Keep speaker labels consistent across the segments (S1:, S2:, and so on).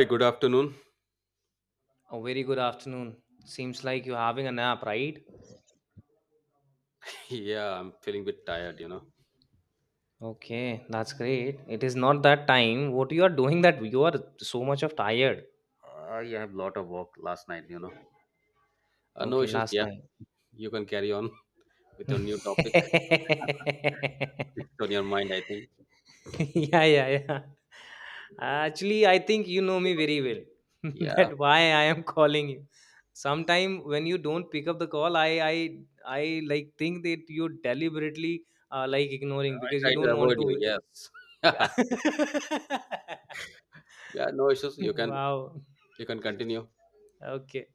S1: Hey, good afternoon.
S2: A very good afternoon. Seems like you're having a nap, right?
S1: Yeah, I'm feeling a bit tired,
S2: Okay, that's great. It is not that time. What you are doing that you are so much of tired.
S1: I have a lot of work last night, No
S2: Okay,
S1: issues.
S2: last
S1: Yeah,
S2: night.
S1: you can carry on with your new topic on your mind, I think.
S2: Yeah, yeah, yeah. Actually, I think you know me very well.
S1: Yeah,
S2: that why I am calling you. Sometime when you don't pick up the call, I I like think that you deliberately like ignoring
S1: I
S2: because you
S1: try to
S2: don't
S1: avoid
S2: want to.
S1: you. Yes.
S2: Yeah.
S1: Yeah, no issues. You can
S2: Wow.
S1: you can continue.
S2: Okay.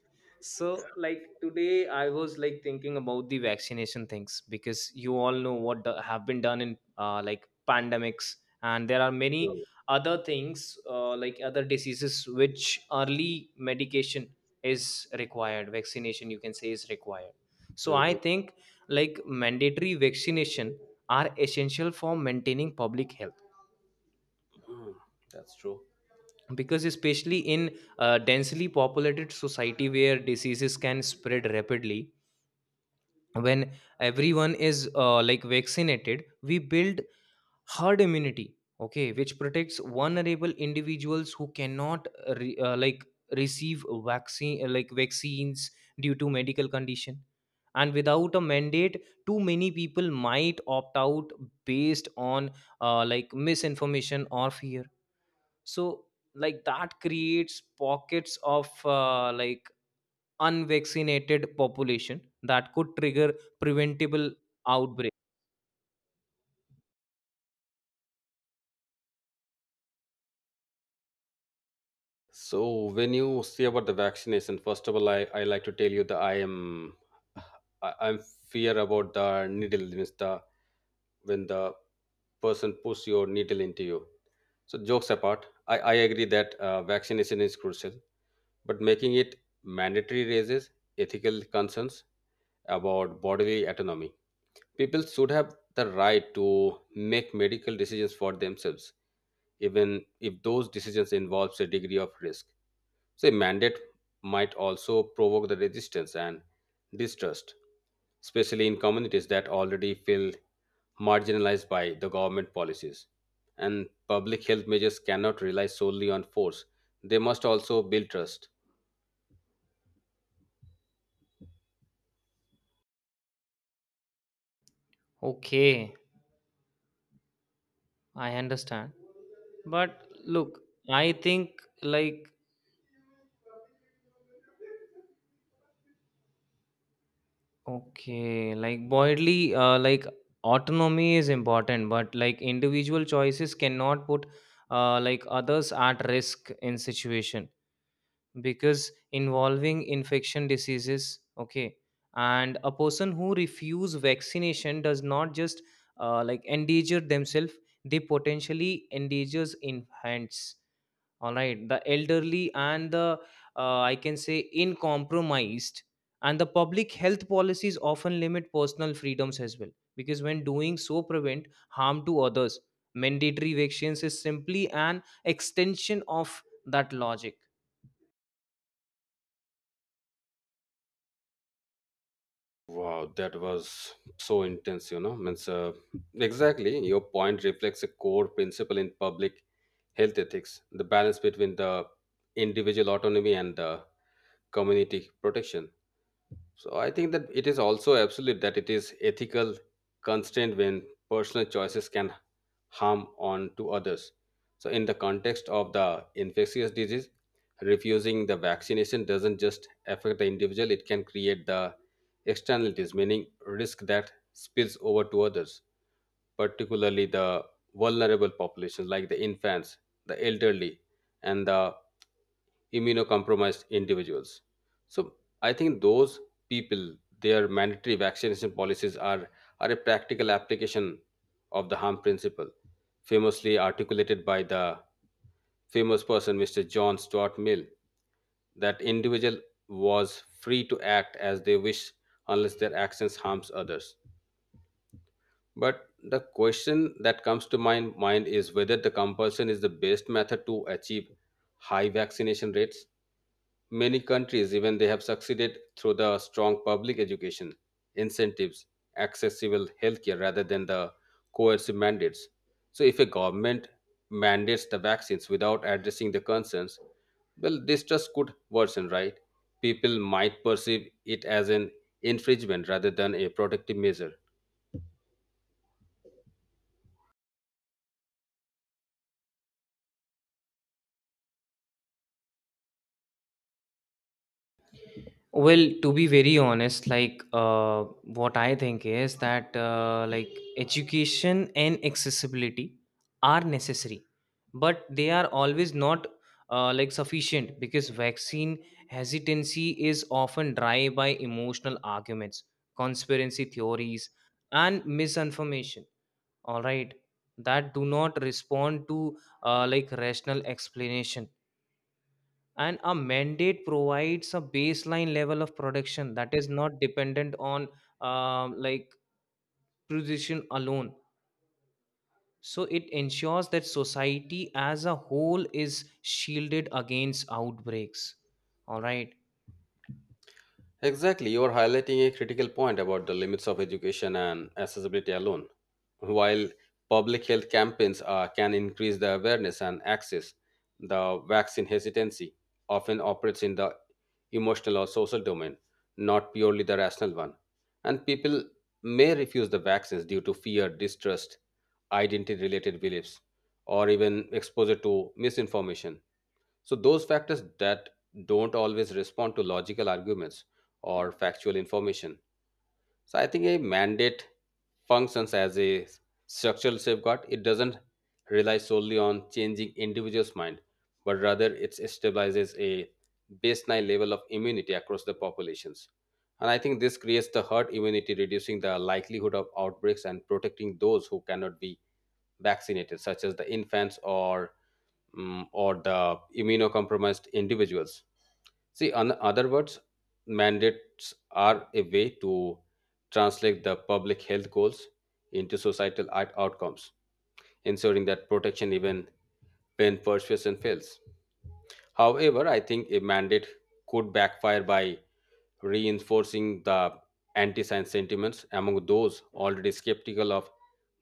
S2: So, like today, I was like thinking about the vaccination things because you all know what the, have been done in like pandemics, and there are many other things like other diseases which early medication is required, vaccination you can say is required. So, I
S1: Mm-hmm.
S2: think like mandatory vaccination are essential for maintaining public health
S1: That's true.
S2: because especially in a densely populated society where diseases can spread rapidly when everyone is like vaccinated we build herd immunity, okay, which protects vulnerable individuals who cannot like receive vaccine like vaccines due to medical condition, and without a mandate too many people might opt out based on like misinformation or fear. So like that creates pockets of like unvaccinated population that could trigger preventable outbreak.
S1: So when you say about the vaccination, first of all, I like to tell you that I'm fear about the needle means the when the person puts your needle into you. So jokes apart, I agree that vaccination is crucial, but making it mandatory raises ethical concerns about bodily autonomy. People should have the right to make medical decisions for themselves, even if those decisions involves a degree of risk. So, a mandate might also provoke the resistance and distrust, especially in communities that already feel marginalized by the government policies. And public health measures cannot rely solely on force, they must also build trust.
S2: Okay, I understand, but look, I think like, okay, like broadly like autonomy is important, but like individual choices cannot put like others at risk in situation because involving infection diseases, okay. And a person who refuse vaccination does not just like endanger themselves, they potentially endangers infants, all right, the elderly and the I can say incompromised. And the public health policies often limit personal freedoms as well because when doing so prevent harm to others. Mandatory vaccines is simply an extension of that logic.
S1: Wow, that was so intense, Means, exactly, your point reflects a core principle in public health ethics the balance between the individual autonomy and the community protection. So I think that it is also absolute that it is ethical constraint when personal choices can harm on to others. So in the context of the infectious disease, refusing the vaccination doesn't just affect the individual, it can create the externalities, meaning risk that spills over to others, particularly the vulnerable populations like the infants, the elderly, and the immunocompromised individuals. So I think those people, their mandatory vaccination policies are a practical application of the harm principle, famously articulated by the famous person Mr. John Stuart Mill, that individual was free to act as they wish unless their actions harms others. But the question that comes to my mind is whether the compulsion is the best method to achieve high vaccination rates. Many countries, even they have succeeded through the strong public education, incentives, accessible healthcare rather than the coercive mandates. So, if a government mandates the vaccines without addressing the concerns, well, distrust could worsen, right? People might perceive it as an infringement rather than a protective measure.
S2: Well, to be very honest, like what I think is that like education and accessibility are necessary, but they are always not like sufficient because vaccine hesitancy is often driven by emotional arguments, conspiracy theories, and misinformation. All right, that do not respond to like rational explanation, and a mandate provides a baseline level of production that is not dependent on like production alone. So it ensures that society as a whole is shielded against outbreaks, all right.
S1: Exactly, you are highlighting a critical point about the limits of education and accessibility alone. While public health campaigns can increase the awareness and access, the vaccine hesitancy often operates in the emotional or social domain, not purely the rational one. And people may refuse the vaccines due to fear, distrust, identity related beliefs, or even exposure to misinformation. So, those factors that don't always respond to logical arguments or factual information. So, I think a mandate functions as a structural safeguard. It doesn't rely solely on changing individuals' mind, but rather it stabilizes a baseline level of immunity across the populations. And I think this creates the herd immunity, reducing the likelihood of outbreaks and protecting those who cannot be vaccinated, such as the infants or or the immunocompromised individuals. See, in other words, mandates are a way to translate the public health goals into societal outcomes, ensuring that protection even when persuasion fails. However, I think a mandate could backfire by reinforcing the anti science sentiments among those already skeptical of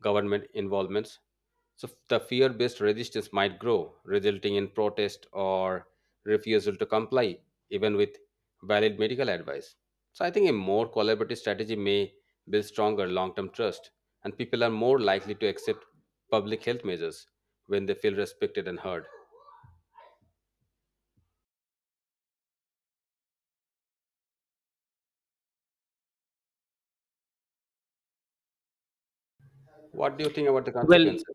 S1: government involvements, so the fear based resistance might grow, resulting in protest or refusal to comply, even with valid medical advice. So I think a more collaborative strategy may build stronger long term trust, and people are more likely to accept public health measures when they feel respected and heard. What do you think about the
S2: Well,
S1: consequences?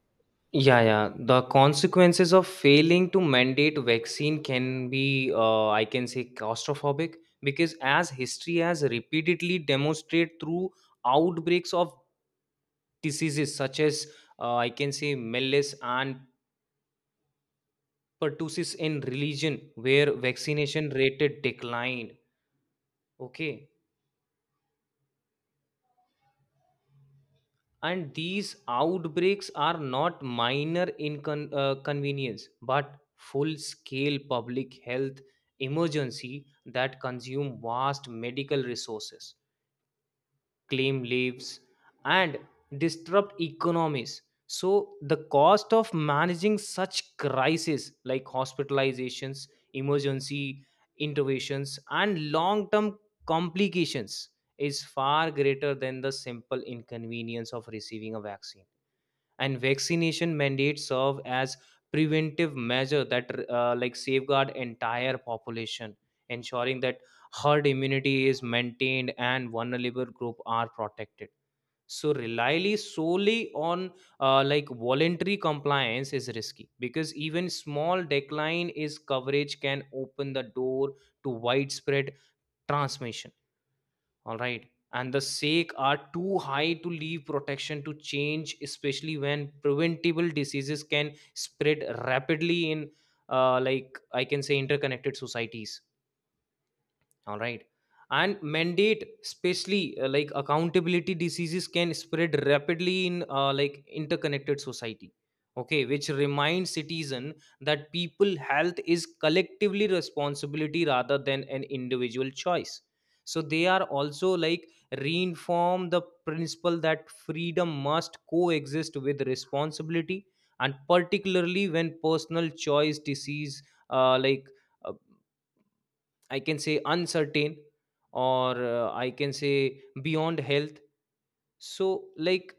S2: yeah, yeah, the consequences of failing to mandate vaccine can be I can say claustrophobic because as history has repeatedly demonstrated through outbreaks of diseases such as I can say measles and pertussis in religion where vaccination rate declined. Okay, and these outbreaks are not minor inconvenience but full-scale public health emergency that consume vast medical resources, claim lives, and disrupt economies. So the cost of managing such crises like hospitalizations, emergency interventions, and long term complications is far greater than the simple inconvenience of receiving a vaccine. And vaccination mandates serve as preventive measure that like safeguard entire population, ensuring that herd immunity is maintained and vulnerable group are protected. So relying solely on like voluntary compliance is risky because even small decline is coverage can open the door to widespread transmission, all right. And the sake are too high to leave protection to change, especially when preventable diseases can spread rapidly in like I can say interconnected societies, all right. And mandate especially like accountability diseases can spread rapidly in like interconnected society, okay, which reminds citizen that people health is collectively responsibility rather than an individual choice. So they are also like reinform the principle that freedom must coexist with responsibility, and particularly when personal choice disease uh, like uh, I can say uncertain or I can say beyond health. So, like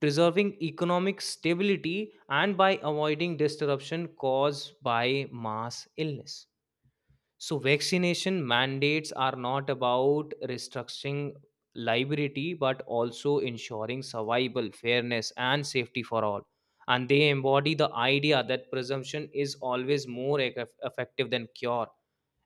S2: preserving economic stability and by avoiding disruption caused by mass illness. So, vaccination mandates are not about restricting liability but also ensuring survival, fairness, and safety for all. And they embody the idea that presumption is always more effective than cure,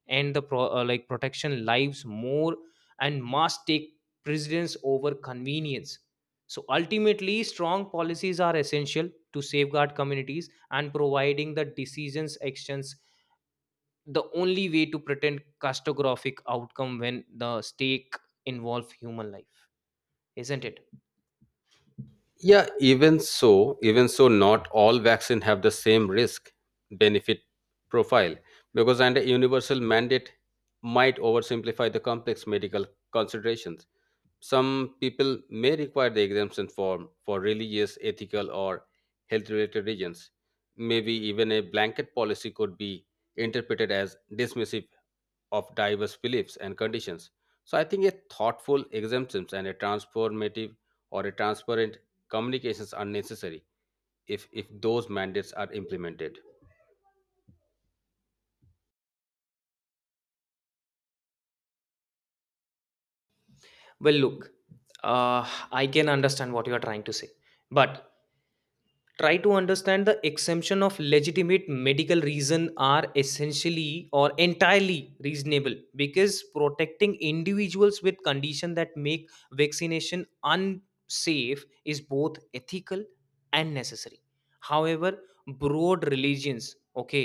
S2: and the like protection lives more and must take precedence over convenience. So ultimately strong policies are essential to safeguard communities and providing the decisions actions, the only way to pretend catastrophic outcome when the stake involve human life, isn't it?
S1: Yeah, even so, not all vaccine have the same risk benefit profile because and a universal mandate might oversimplify the complex medical considerations. Some people may require the exemption form for religious, ethical, or health related reasons. Maybe even a blanket policy could be interpreted as dismissive of diverse beliefs and conditions. So I think a thoughtful exemptions and a transformative or a transparent communications are necessary if those mandates are implemented.
S2: Well, look, uh, I can understand what you are trying to say, but try to understand the exemption of legitimate medical reason are essentially or entirely reasonable because protecting individuals with condition that make vaccination unsafe is both ethical and necessary. However, broad religions, okay,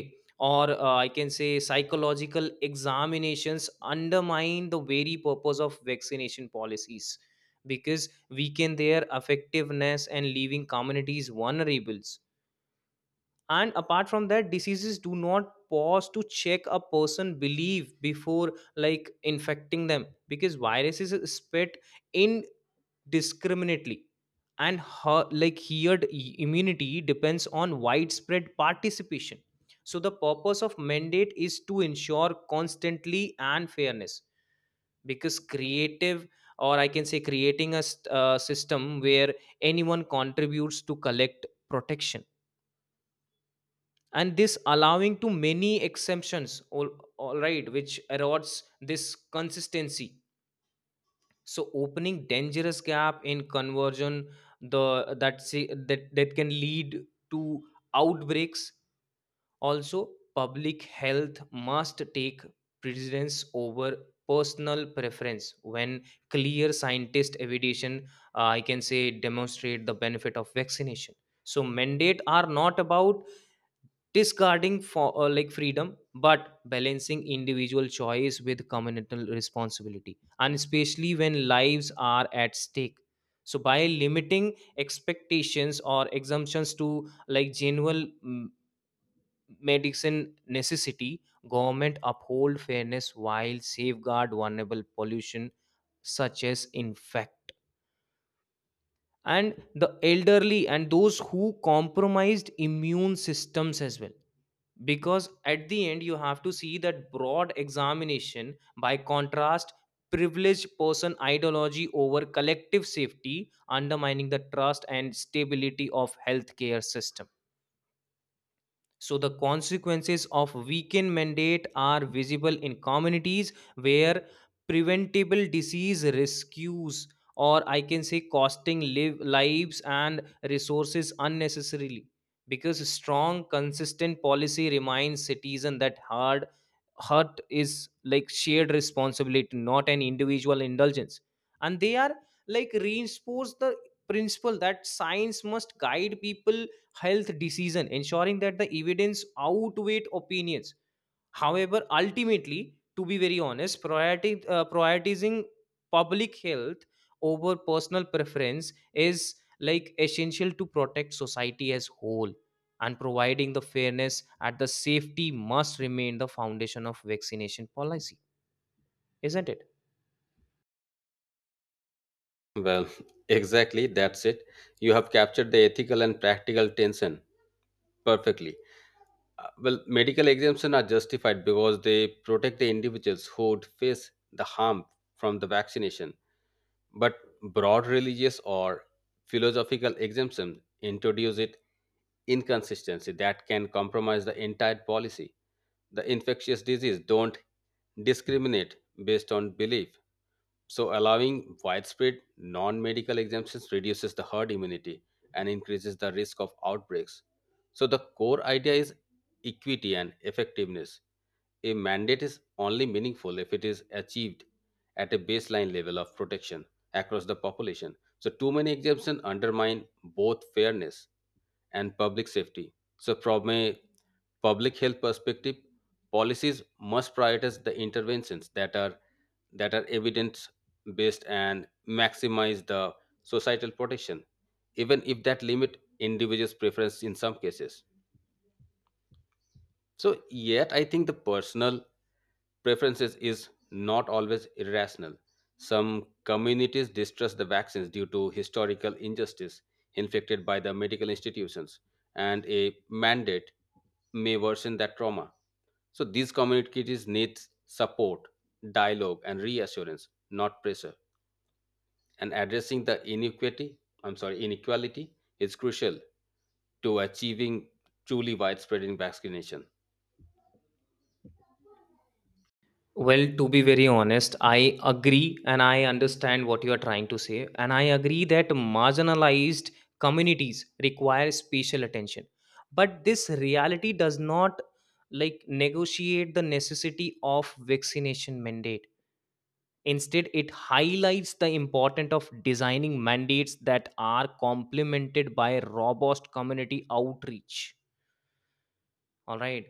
S2: or I can say psychological examinations undermine the very purpose of vaccination policies because weaken their effectiveness and leaving communities vulnerable. And apart from that, diseases do not pause to check a person belief before like infecting them because viruses spread indiscriminately, and like immunity depends on widespread participation. So the purpose of mandate is to ensure constantly and fairness because creative, or I can say creating a system where anyone contributes to collect protection, and this allowing to many exemptions all right, which erodes this consistency, so opening dangerous gap in conversion the that see, that that can lead to outbreaks. Also public health must take precedence over personal preference when clear scientist evidence I can say demonstrate the benefit of vaccination. So mandate are not about discarding for like freedom but balancing individual choice with communal responsibility, and especially when lives are at stake. So by limiting expectations or exemptions to like genuine medicine necessity, government uphold fairness while safeguard vulnerable pollution such as infect and the elderly and those who compromised immune systems as well, because at the end you have to see that broad examination by contrast privileged person ideology over collective safety undermining the trust and stability of healthcare system. So, the consequences of weekend mandate are visible in communities where preventable disease rescues, or I can say, costing live lives and resources unnecessarily. Because strong, consistent policy reminds citizens that hard hurt is like shared responsibility, not an individual indulgence. And they are like reinforce the principle that science must guide people health decision, ensuring that the evidence outweighed opinions. However, ultimately, to be very honest, prioritizing public health over personal preference is like essential to protect society as whole, and providing the fairness at the safety must remain the foundation of vaccination policy, isn't it?
S1: Well, exactly, that's it. You have captured the ethical and practical tension perfectly. Well, medical exemptions are justified because they protect the individuals who would face the harm from the vaccination, but broad religious or philosophical exemption introduce it inconsistency that can compromise the entire policy. The infectious disease don't discriminate based on belief, so, allowing widespread non medical exemptions reduces the herd immunity and increases the risk of outbreaks. So, the core idea is equity and effectiveness. A mandate is only meaningful if it is achieved at a baseline level of protection across the population. So, too many exemptions undermine both fairness and public safety. So, from a public health perspective, policies must prioritize the interventions that are evidence based and maximize the societal protection, even if that limit individuals' preference in some cases. So, yet I think the personal preferences is not always irrational. Some communities distrust the vaccines due to historical injustice inflicted by the medical institutions, and a mandate may worsen that trauma. So these communities need support, dialogue, and reassurance, not pressure. And addressing the inequity, I'm sorry, inequality is crucial to achieving truly widespread in vaccination.
S2: Well, to be very honest, I agree and I understand what you are trying to say. And I agree that marginalized communities require special attention. But this reality does not like negotiate the necessity of vaccination mandate. Instead, it highlights the importance of designing mandates that are complemented by robust community outreach. All right,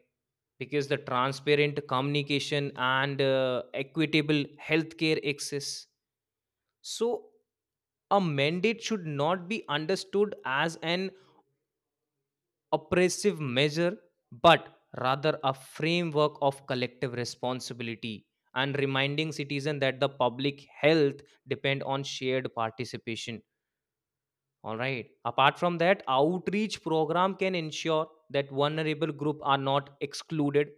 S2: because the transparent communication and equitable healthcare access. So, a mandate should not be understood as an oppressive measure, but rather a framework of collective responsibility and reminding citizens that the public health depend on shared participation. All right. Apart from that, outreach program can ensure that vulnerable group are not excluded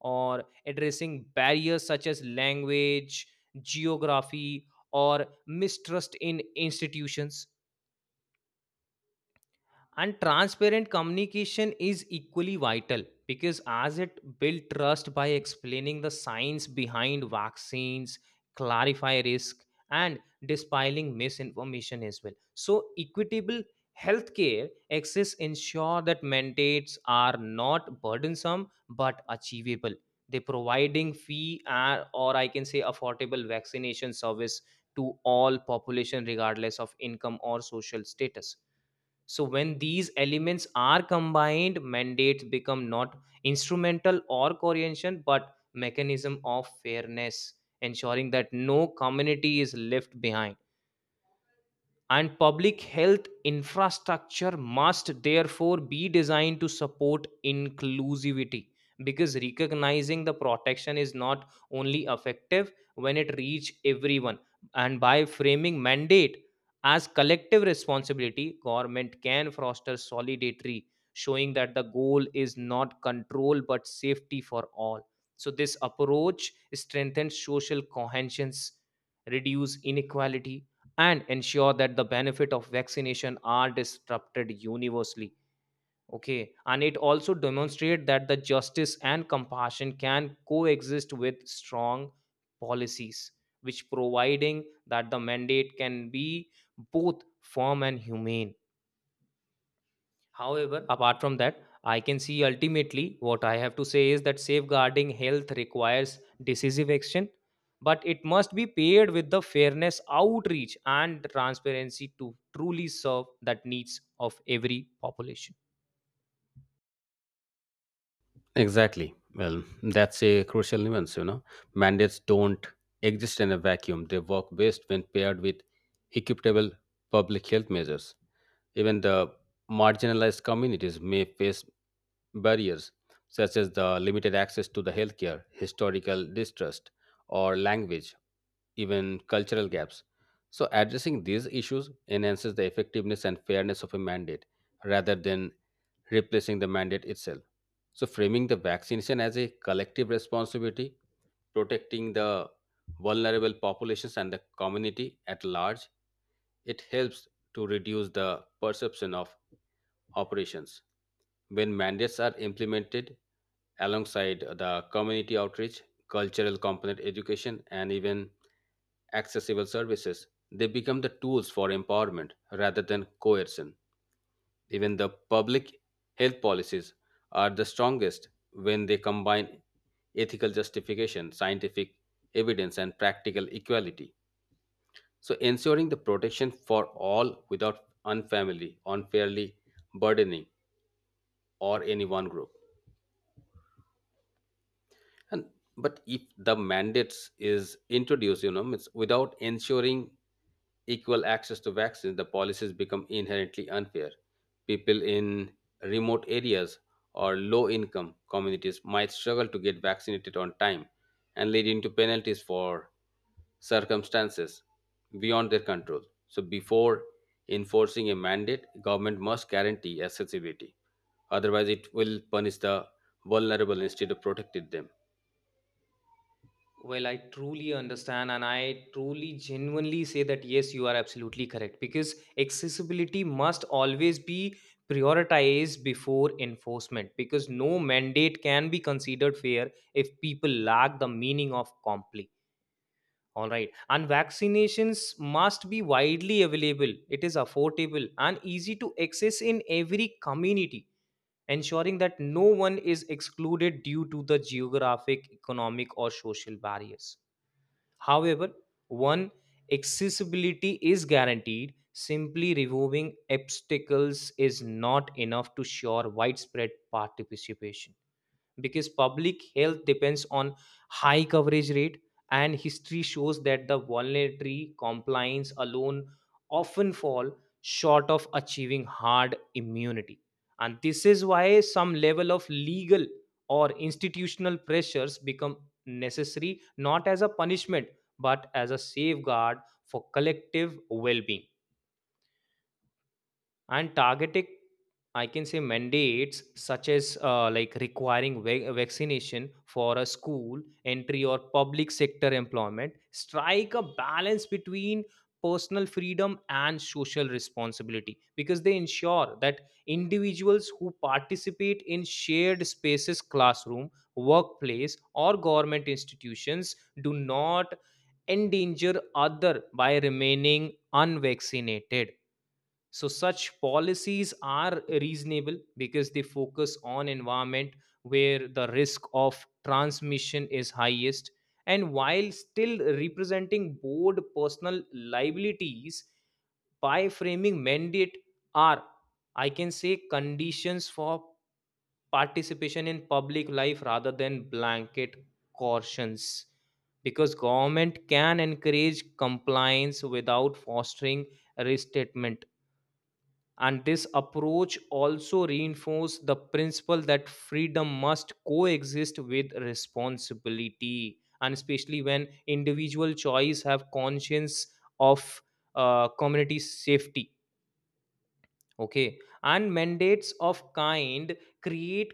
S2: or addressing barriers such as language, geography or mistrust in institutions. And transparent communication is equally vital because as it builds trust by explaining the science behind vaccines, clarify risk, and dispelling misinformation as well. So equitable healthcare access ensure that mandates are not burdensome but achievable. They providing or I can say affordable vaccination service to all population regardless of income or social status. So when these elements are combined mandates become not instrumental or coercion but mechanism of fairness, ensuring that no community is left behind. And public health infrastructure must therefore be designed to support inclusivity because recognizing the protection is not only effective when it reach everyone. And by framing mandate as collective responsibility, government can foster solidarity, showing that the goal is not control but safety for all. So this approach strengthens social cohesion, reduce inequality, and ensure that the benefit of vaccination are disrupted universally, okay. And it also demonstrate that the justice and compassion can coexist with strong policies, which providing that the mandate can be both firm and humane. However, apart from that, I can see ultimately what I have to say is that safeguarding health requires decisive action, but it must be paired with the fairness outreach and transparency to truly serve that needs of every population.
S1: Exactly. Well, that's a crucial nuance, Mandates don't exist in a vacuum. They work best when paired with equitable public health measures. Even the marginalized communities may face barriers such as the limited access to the healthcare, historical distrust, or language, even cultural gaps. So addressing these issues enhances the effectiveness and fairness of a mandate rather than replacing the mandate itself. So, framing the vaccination as a collective responsibility, protecting the vulnerable populations and the community at large, it helps to reduce the perception of operations. When mandates are implemented alongside the community outreach, cultural component education, and even accessible services, they become the tools for empowerment rather than coercion. Even the public health policies are the strongest when they combine ethical justification, scientific evidence, and practical equality. So, ensuring the protection for all without unfamily, unfairly burdening, or any one group. And but if the mandates is introduced, it's without ensuring equal access to vaccines, the policies become inherently unfair. People in remote areas or low income communities might struggle to get vaccinated on time and leading to penalties for circumstances beyond their control. So before enforcing a mandate, government must guarantee accessibility. Otherwise, it will punish the vulnerable instead of protecting them.
S2: Well, I truly understand, and I truly genuinely say that yes, you are absolutely correct because accessibility must always be prioritized before enforcement because no mandate can be considered fair if people lack the meaning of comply. All right, and vaccinations must be widely available, it is affordable and easy to access in every community, ensuring that no one is excluded due to the geographic, economic, or social barriers. However, one accessibility is guaranteed. Simply removing obstacles is not enough to ensure widespread participation, because public health depends on high coverage rate, and history shows that the voluntary compliance alone often fall short of achieving hard immunity. And this is why some level of legal or institutional pressures become necessary, not as a punishment but as a safeguard for collective well-being. And targeted, I can say, mandates such as like requiring vaccination for a school entry or public sector employment strike a balance between personal freedom and social responsibility, because they ensure that individuals who participate in shared spaces, classroom, workplace, or government institutions, do not endanger other by remaining unvaccinated. So such policies are reasonable because they focus on environment where the risk of transmission is highest, and while still representing board personal liabilities. By framing mandate are, I can say, conditions for participation in public life rather than blanket cautions, because government can encourage compliance without fostering restatement. And this approach also reinforced the principle that freedom must coexist with responsibility, and especially when individual choice have conscience of community safety. Okay. And mandates of kind create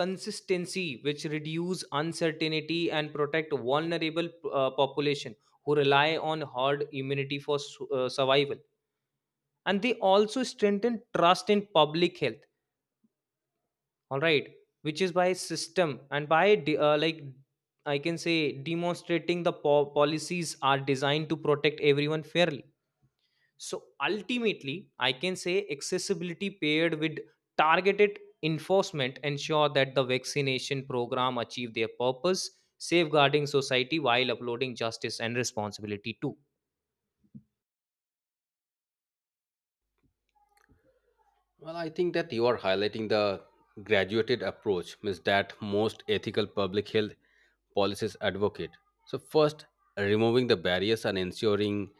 S2: consistency which reduce uncertainty and protect vulnerable population who rely on herd immunity for survival. And they also strengthen trust in public health, all right, which is by system and by like, I can say, demonstrating the policies are designed to protect everyone fairly. So ultimately, I can say accessibility paired with targeted enforcement ensure that the vaccination program achieve their purpose, safeguarding society while uploading justice and responsibility too.
S1: Well, I think that you are highlighting the graduated approach means that most ethical public health policies advocate. So first, removing the barriers and ensuring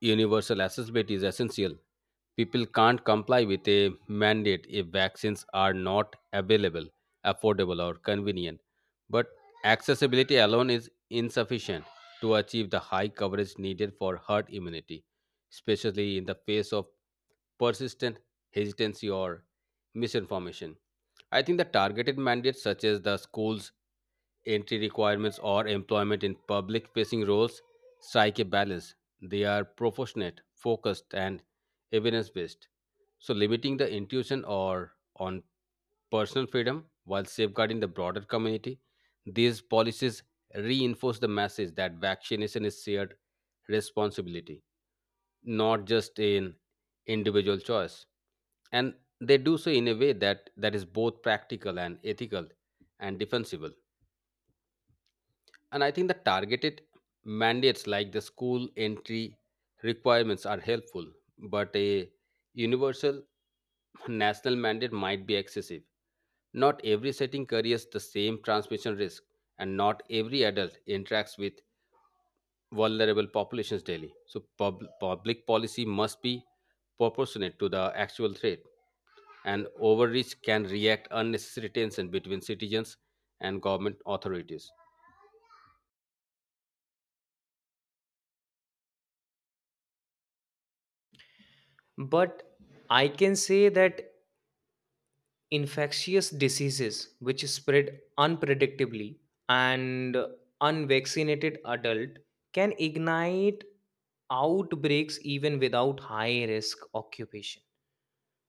S1: universal accessibility is essential. People can't comply with a mandate if vaccines are not available, affordable or convenient. But accessibility alone is insufficient to achieve the high coverage needed for herd immunity, especially in the face of persistent hesitancy, or misinformation. I think that targeted mandates such as the school's entry requirements or employment in public facing roles strike a balance. They are proportionate, focused, and evidence based. So, limiting the intuition or on personal freedom while safeguarding the broader community, these policies reinforce the message that vaccination is shared responsibility, not just an individual choice, and they do so in a way that is both practical and ethical and defensible. And I think the targeted mandates like the school entry requirements are helpful, but a universal national mandate might be excessive. Not every setting carries the same transmission risk and not every adult interacts with vulnerable populations daily. So public policy must be proportionate to the actual threat, and overreach can react unnecessary tension between citizens and government authorities.
S2: But I can say that infectious diseases which spread unpredictably, and unvaccinated adult can ignite outbreaks even without high risk occupation,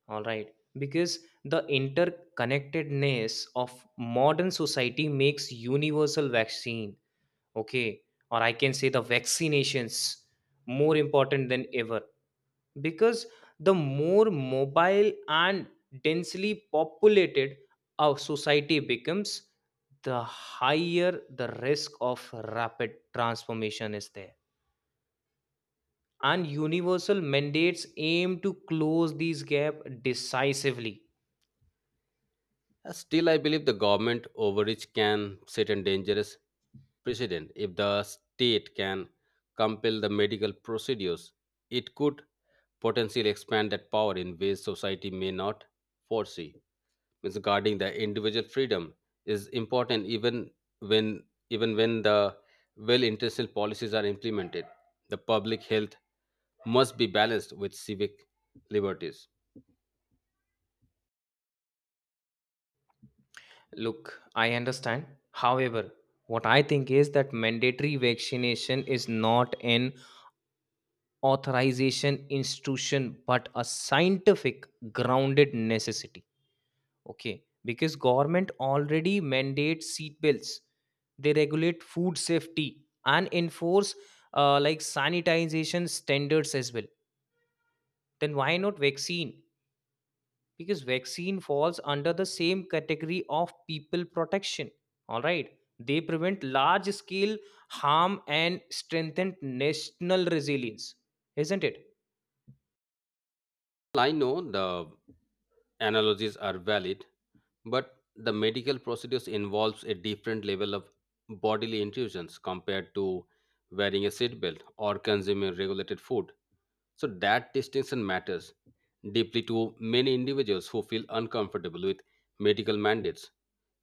S2: all right, because the interconnectedness of modern society makes universal vaccine, okay, or I can say the vaccinations, more important than ever. Because the more mobile and densely populated our society becomes, the higher the risk of rapid transformation is there. And universal mandates aim to close these gap decisively.
S1: Still, I believe the government overreach can set a dangerous precedent. If the state can compel the medical procedures, it could potentially expand that power in ways society may not foresee. Means guarding the individual freedom is important when even when the well-intentioned policies are implemented. The public health must be balanced with civic liberties.
S2: Look, I understand. However, what I think is that mandatory vaccination is not an authorization institution but a scientific grounded necessity. Okay, because government already mandates seat belts. They regulate food safety and enforce like sanitization standards as well. Then why not vaccine? Because vaccine falls under the same category of people protection. All right, they prevent large scale harm and strengthen national resilience, isn't it?
S1: Well, I know the analogies are valid, but the medical procedures involves a different level of bodily intrusions compared to wearing a seatbelt or consuming regulated food. So that distinction matters deeply to many individuals who feel uncomfortable with medical mandates.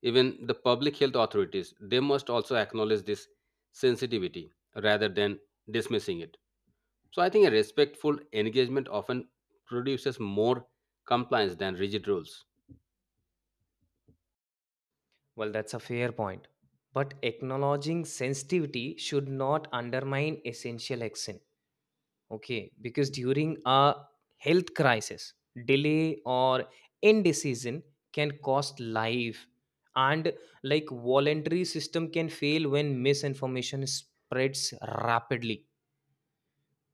S1: Even the public health authorities, they must also acknowledge this sensitivity rather than dismissing it. So I think a respectful engagement often produces more compliance than rigid rules.
S2: Well, that's a fair point. But acknowledging sensitivity should not undermine essential action. Okay, because during a health crisis, delay or indecision can cost life. And like, voluntary system can fail when misinformation spreads rapidly.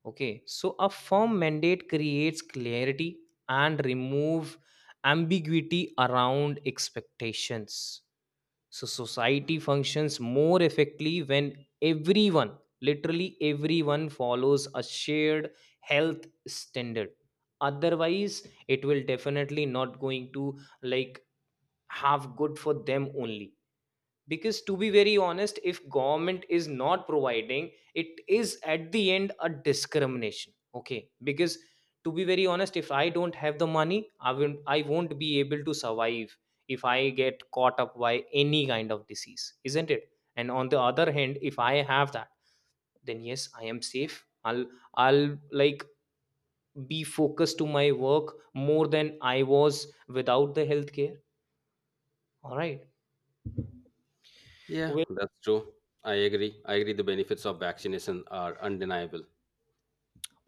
S2: Okay, so a firm mandate creates clarity and remove ambiguity around expectations. So society functions more effectively when everyone, literally everyone, follows a shared health standard. Otherwise, it will definitely not going to like have good for them only, because to be very honest, if government is not providing, it is at the end a discrimination. Okay, because to be very honest, if I don't have the money, I won't be able to survive if I get caught up by any kind of disease, isn't it? And on the other hand, if I have that, then yes, I am safe. I'll like be focused to my work more than I was without the healthcare, all right.
S1: Yeah, that's true. I agree. I agree the benefits of vaccination are undeniable.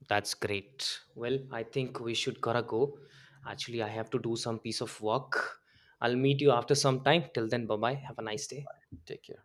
S2: That's great. Well, I think we should gotta go. Actually, I have to do some piece of work. I'll meet you after some time. Till then, bye bye. Have a nice day.
S1: Take care.